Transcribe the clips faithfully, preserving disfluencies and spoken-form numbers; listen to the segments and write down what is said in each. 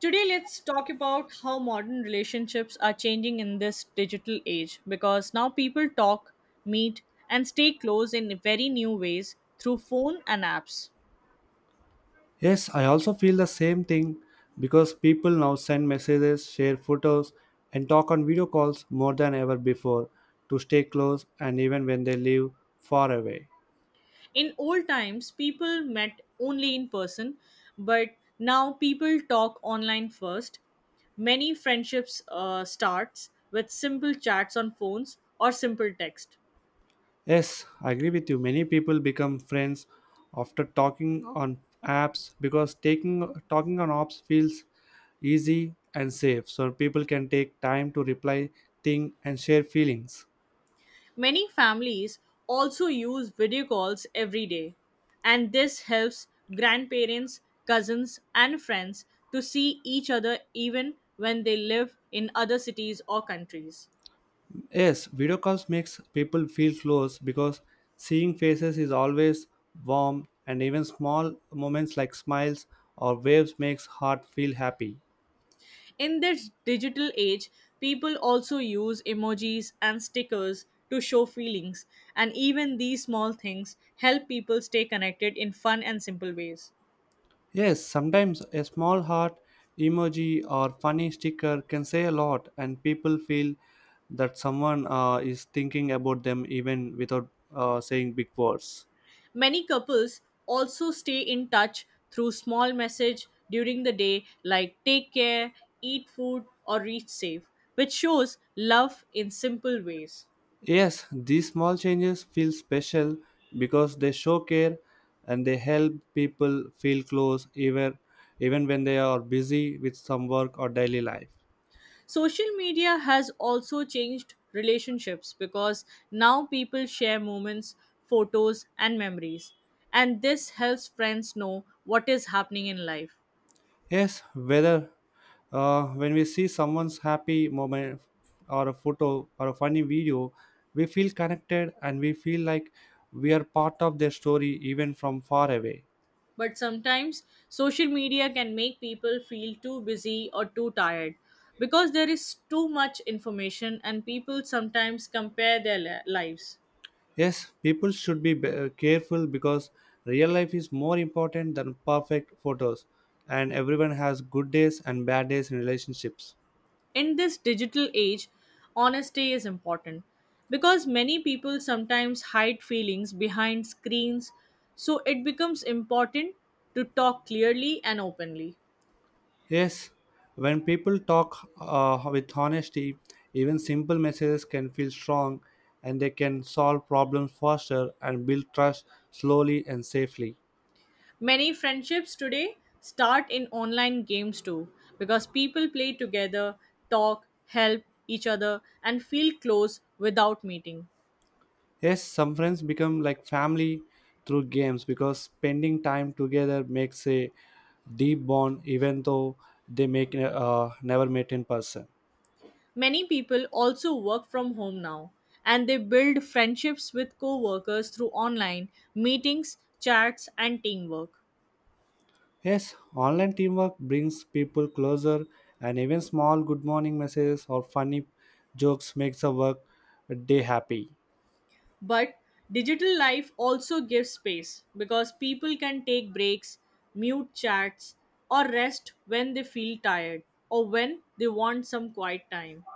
Today, let's talk about how modern relationships are changing in this digital age because now people talk, meet, and stay close in very new ways through phone and apps. Yes, I also feel the same thing because people now send messages, share photos, and talk on video calls more than ever before to stay close and even when they live far away. In old times, people met only in person, but now people talk online first. Many friendships uh, starts with simple chats on phones or simple text. Yes, I agree with you. Many people become friends after talking on apps because taking talking on apps feels easy and safe. So people can take time to reply, think, and share feelings. Many families also use video calls every day, and this helps grandparents, cousins, and friends to see each other even when they live in other cities or countries. Yes, video calls makes people feel close because seeing faces is always warm and even small moments like smiles or waves makes heart feel happy. In this digital age, people also use emojis and stickers to show feelings, and even these small things help people stay connected in fun and simple ways. Yes, sometimes a small heart emoji or funny sticker can say a lot and people feel that someone uh, is thinking about them even without uh, saying big words. Many couples also stay in touch through small message during the day like take care, eat food or reach safe, which shows love in simple ways. Yes, these small changes feel special because they show care and they help people feel close even even when they are busy with some work or daily life. Social media has also changed relationships because now people share moments, photos and memories and this helps friends know what is happening in life. Yes, whether uh, when we see someone's happy moment or a photo or a funny video, we feel connected and we feel like we are part of their story even from far away. But sometimes social media can make people feel too busy or too tired because there is too much information and people sometimes compare their li- lives. Yes, people should be be- uh, careful because real life is more important than perfect photos, and everyone has good days and bad days in relationships. In this digital age, honesty is important because many people sometimes hide feelings behind screens, so it becomes important to talk clearly and openly. Yes, when people talk uh, with honesty, even simple messages can feel strong and they can solve problems faster and build trust slowly and safely. Many friendships today start in online games too because people play together, talk, help each other, and feel close without meeting. Yes, some friends become like family through games because spending time together makes a deep bond, even though they make uh, never met in person. Many people also work from home now and they build friendships with co workers through online meetings, chats, and teamwork. Yes, online teamwork brings people closer, and even small good morning messages or funny jokes makes a work day happy. But digital life also gives space because people can take breaks, mute chats, or rest when they feel tired or when they want some quiet time.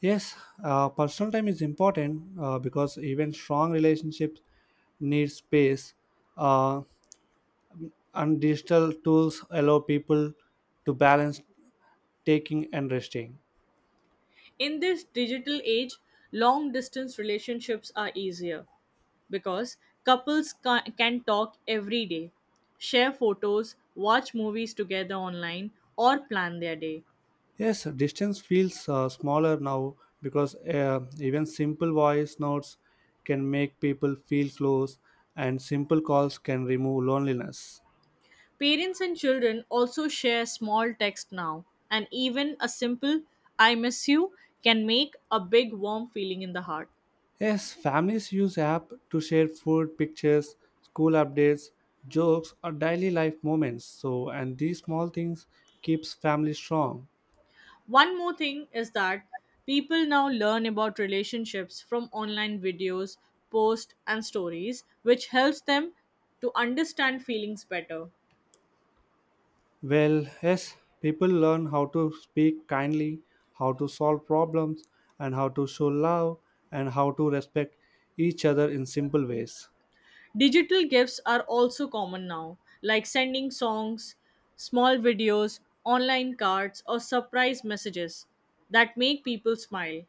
Yes, uh, personal time is important uh, because even strong relationships need space, uh, and digital tools allow people to balance taking and resting. In this digital age, long distance relationships are easier because couples ca- can talk every day, share photos, watch movies together online, or plan their day. Yes, distance feels uh, smaller now because uh, even simple voice notes can make people feel close, and simple calls can remove loneliness. Parents and children also share small text now, and even a simple I miss you can make a big warm feeling in the heart. Yes, families use app to share food, pictures, school updates, jokes, or daily life moments. So, and these small things keeps family strong. One more thing is that people now learn about relationships from online videos, posts, and stories, which helps them to understand feelings better. Well, yes, people learn how to speak kindly, how to solve problems, and how to show love, and how to respect each other in simple ways. Digital gifts are also common now, like sending songs, small videos, online cards, or surprise messages that make people smile.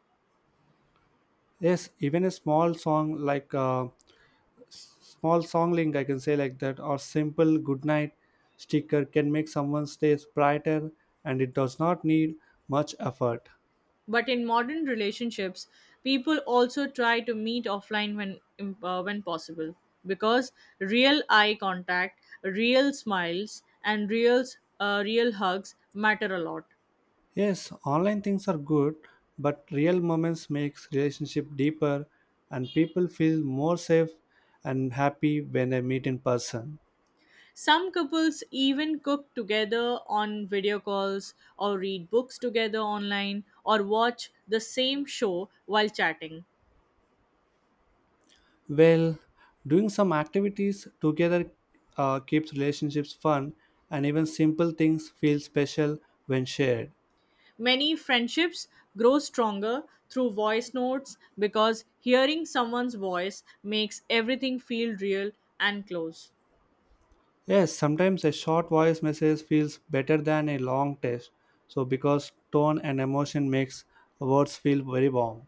Yes, even a small song like uh, small song link, I can say like that, or simple good night sticker can make someone's days brighter, and it does not need much effort. But in modern relationships, people also try to meet offline when im- uh, when possible because real eye contact, real smiles, and real uh, real hugs matter a lot. Yes, online things are good, but real moments makes relationship deeper and people feel more safe and happy when they meet in person. Some couples even cook together on video calls or read books together online or watch the same show while chatting. Well, doing some activities together uh, keeps relationships fun and even simple things feel special when shared. Many friendships grow stronger through voice notes because hearing someone's voice makes everything feel real and close. Yes, sometimes a short voice message feels better than a long text. So because tone and emotion makes words feel very warm.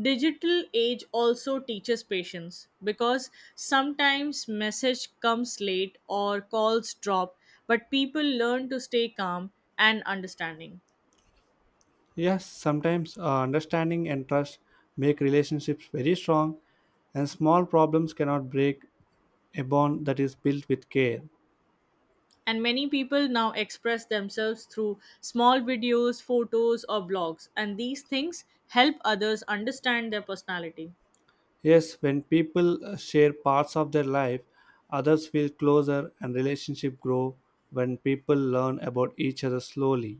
Digital age also teaches patience because sometimes message comes late or calls drop, but people learn to stay calm and understanding. Yes, sometimes uh, understanding and trust make relationships very strong, and small problems cannot break a bond that is built with care. And many people now express themselves through small videos, photos, or blogs, and these things help others understand their personality. Yes, when people uh, share parts of their life, others feel closer and relationship grow when people learn about each other slowly.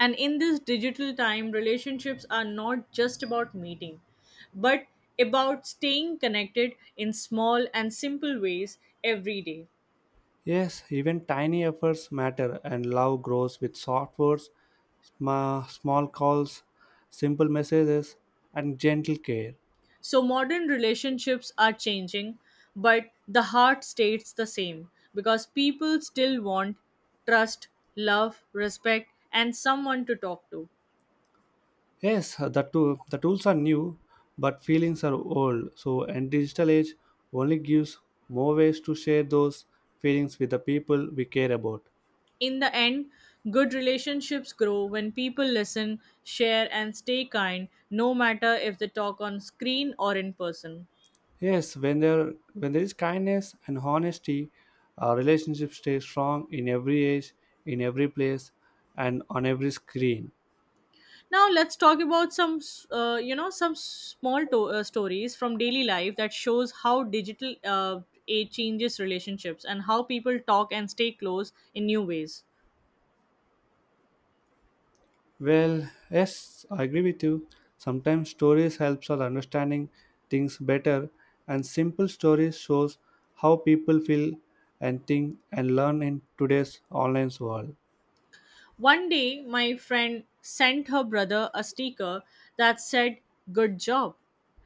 And in this digital time, relationships are not just about meeting, but about staying connected in small and simple ways every day. Yes, even tiny efforts matter and love grows with soft words, sma- small calls, simple messages and gentle care. So, modern relationships are changing, but the heart stays the same because people still want trust, love, respect, and someone to talk to. Yes, uh, the tool, the tools are new, but feelings are old. So, and digital age only gives more ways to share those feelings with the people we care about. In the end, good relationships grow when people listen, share, and stay kind, no matter if they talk on screen or in person. Yes, when there when there is kindness and honesty, our relationship stays strong in every age, in every place, and on every screen. Now let's talk about some, s- uh, you know, some small to- uh, stories from daily life that shows how digital uh, age changes relationships and how people talk and stay close in new ways. Well, yes, I agree with you. Sometimes stories helps us understanding things better, and simple stories shows how people feel and think and learn in today's online world. One day, my friend sent her brother a sticker that said "Good job,"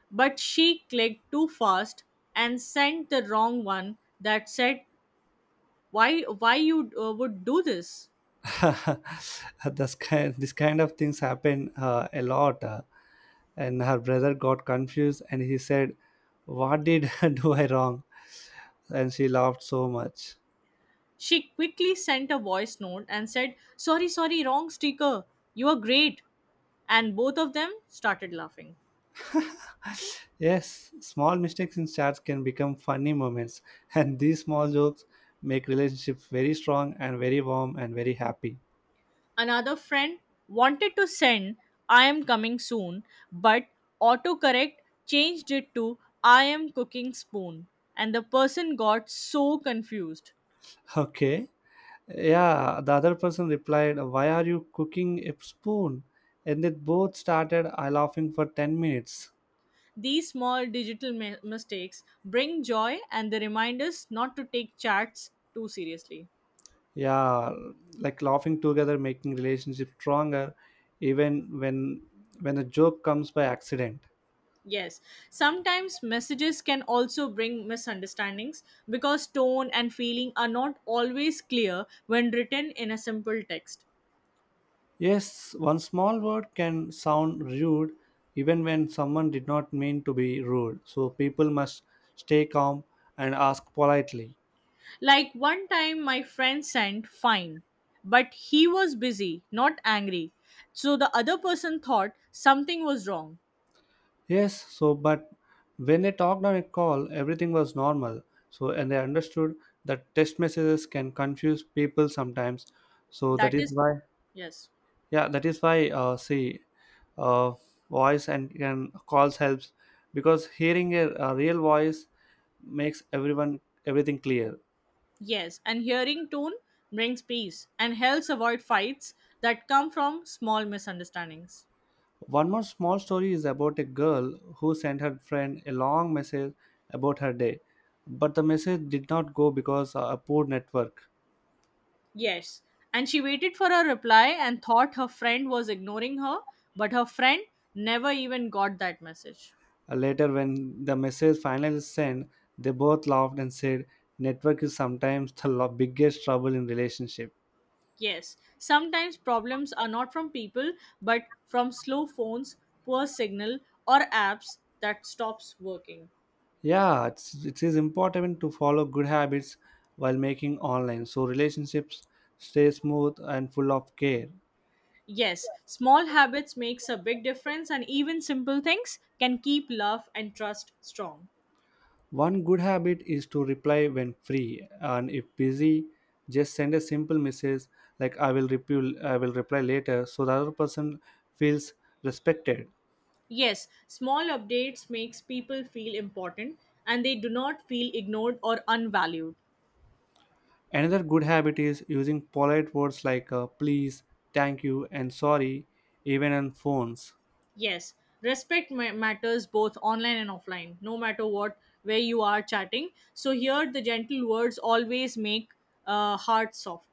but she clicked too fast and sent the wrong one that said "Why, why you uh, would do this?" this kind, this kind of things happen uh, a lot. uh, and her brother got confused and he said, "What did do I wrong?" And she laughed so much. She quickly sent a voice note and said, "Sorry, sorry, wrong sticker. You are great." And both of them started laughing. Yes, small mistakes in chats can become funny moments, and these small jokes make relationships very strong and very warm and very happy. Another friend wanted to send, "I am coming soon," but autocorrect changed it to, "I am cooking spoon." And the person got so confused. Okay. Yeah, the other person replied, "Why are you cooking a spoon?" And they both started I laughing for ten minutes. These small digital mi- mistakes bring joy and they remind us not to take chats too seriously. Yeah, like laughing together making relationship stronger even when when a joke comes by accident. Yes, sometimes messages can also bring misunderstandings because tone and feeling are not always clear when written in a simple text. Yes, one small word can sound rude even when someone did not mean to be rude. So people must stay calm and ask politely. Like one time, my friend sent fine, but he was busy, not angry. So the other person thought something was wrong. Yes, so but when they talked on a call, everything was normal. So and they understood that text messages can confuse people sometimes. So That that is is, why. yes, Yeah, that is why. Uh, see, uh, voice and, and calls helps because hearing a, a real voice makes everyone everything clear. yes, and hearing tone brings peace and helps avoid fights that come from small misunderstandings. One more small story is about a girl who sent her friend a long message about her day, but the message did not go because of a poor network. Yes, and she waited for her reply and thought her friend was ignoring her, but her friend never even got that message. Uh, Later, when the message finally sent, they both laughed and said, "Network is sometimes the lo- biggest trouble in relationship." Yes, sometimes problems are not from people but from slow phones, poor signal, or apps that stops working. Yeah, it's, it is important to follow good habits while making online, so relationships stay smooth and full of care. Yes, small habits makes a big difference and even simple things can keep love and trust strong. One good habit is to reply when free, and if busy, just send a simple message like "I will reply," "I will reply later," so the other person feels respected. Yes, small updates makes people feel important and they do not feel ignored or unvalued. Another good habit is using polite words like uh, "please," "thank you," and "sorry," even on phones. Yes, respect ma- matters both online and offline, no matter what, where you are chatting. So, here the gentle words always make uh, heart soft.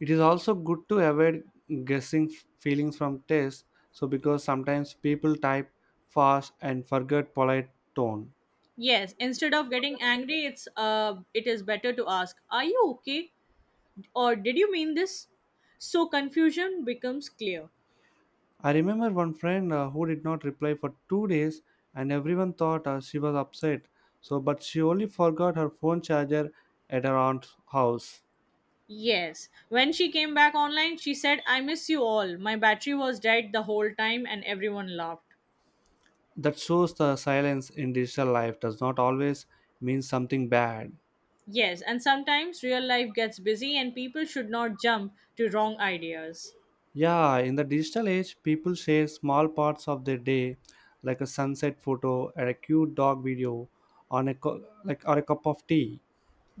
It is also good to avoid guessing f- feelings from text, so because sometimes people type fast and forget polite tone. Yes, instead of getting angry, it's uh, it is better to ask, "Are you okay?" or "Did you mean this?" So confusion becomes clear. I remember one friend uh, who did not reply for two days, and everyone thought uh, she was upset. So, but she only forgot her phone charger at her aunt's house. Yes, when she came back online, she said, "I miss you all. My battery was dead the whole time, and everyone laughed." That shows the silence in digital life does not always mean something bad. Yes, and sometimes real life gets busy and people should not jump to wrong ideas. Yeah, in the digital age, people share small parts of their day, like a sunset photo, and a cute dog video, on a co- like or a cup of tea.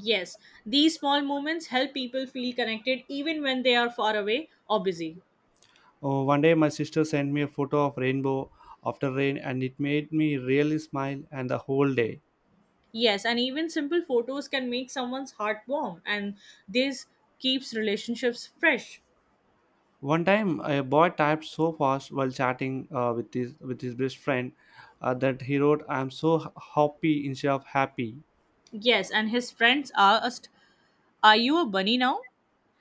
Yes, these small moments help people feel connected even when they are far away or busy. Oh, one day my sister sent me a photo of rainbow after rain and it made me really smile and the whole day. Yes, and even simple photos can make someone's heart warm and this keeps relationships fresh. One time a boy typed so fast while chatting uh, with his with his best friend uh, that he wrote I'm so h- happy instead of happy. Yes, and his friends asked, "Are you a bunny now?"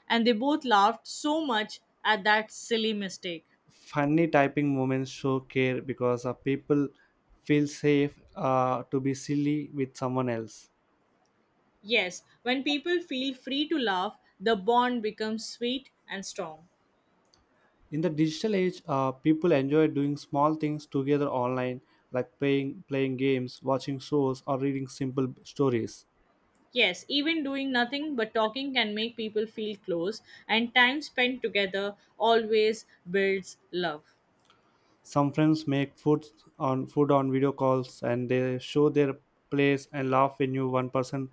And they both laughed so much at that silly mistake. Funny typing moments show care because uh, people feel safe uh, to be silly with someone else. Yes, when people feel free to laugh, the bond becomes sweet and strong. In the digital age, uh, people enjoy doing small things together online, like playing, playing games, watching shows, or reading simple stories. Yes, even doing nothing but talking can make people feel close, and time spent together always builds love. Some friends make food on food on video calls, and they show their plates and laugh when you one person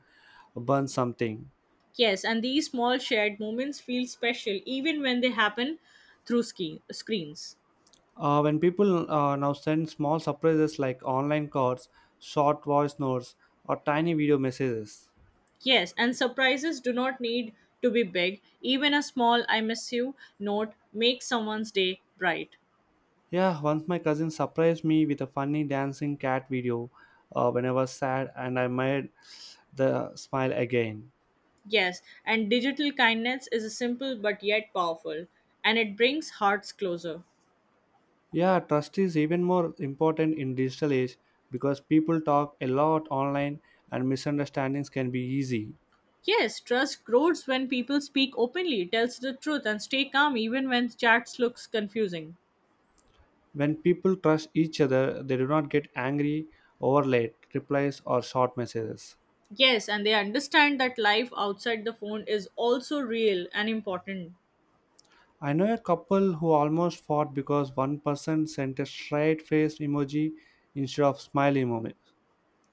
burns something. Yes, and these small shared moments feel special even when they happen through ski- screens. Uh, when people uh, now send small surprises like online cards, short voice notes, or tiny video messages, Yes, and surprises do not need to be big. Even a small I miss you note makes someone's day bright. yeah, once my cousin surprised me with a funny dancing cat video uh, when I was sad and I made the smile again. Yes, and digital kindness is a simple but yet powerful, and it brings hearts closer. Yeah, trust is even more important in digital age because people talk a lot online and misunderstandings can be easy. Yes, trust grows when people speak openly, tells the truth, and stay calm even when chats looks confusing. When people trust each other, they do not get angry over late replies or short messages. Yes, and they understand that life outside the phone is also real and important. I know a couple who almost fought because one person sent a straight face emoji instead of smiley emoji.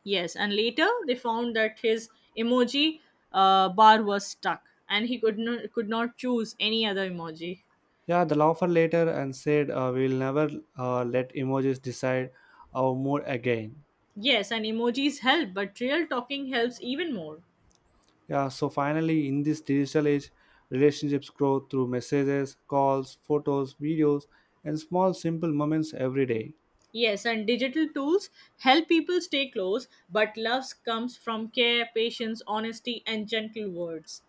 Yes, and later they found that his emoji uh, bar was stuck, and he could not could not choose any other emoji. Yeah, the laugher later and said, uh, "We'll never uh, let emojis decide our mood again." Yes, and emojis help, but real talking helps even more. Yeah, so finally, in this digital age, relationships grow through messages, calls, photos, videos, and small, simple moments every day. Yes, and digital tools help people stay close, but love comes from care, patience, honesty, and gentle words.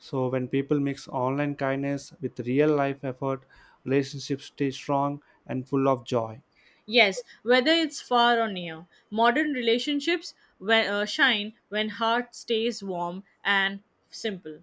So when people mix online kindness with real life effort, relationships stay strong and full of joy. Yes, whether it's far or near, modern relationships we- uh, shine when heart stays warm and simple.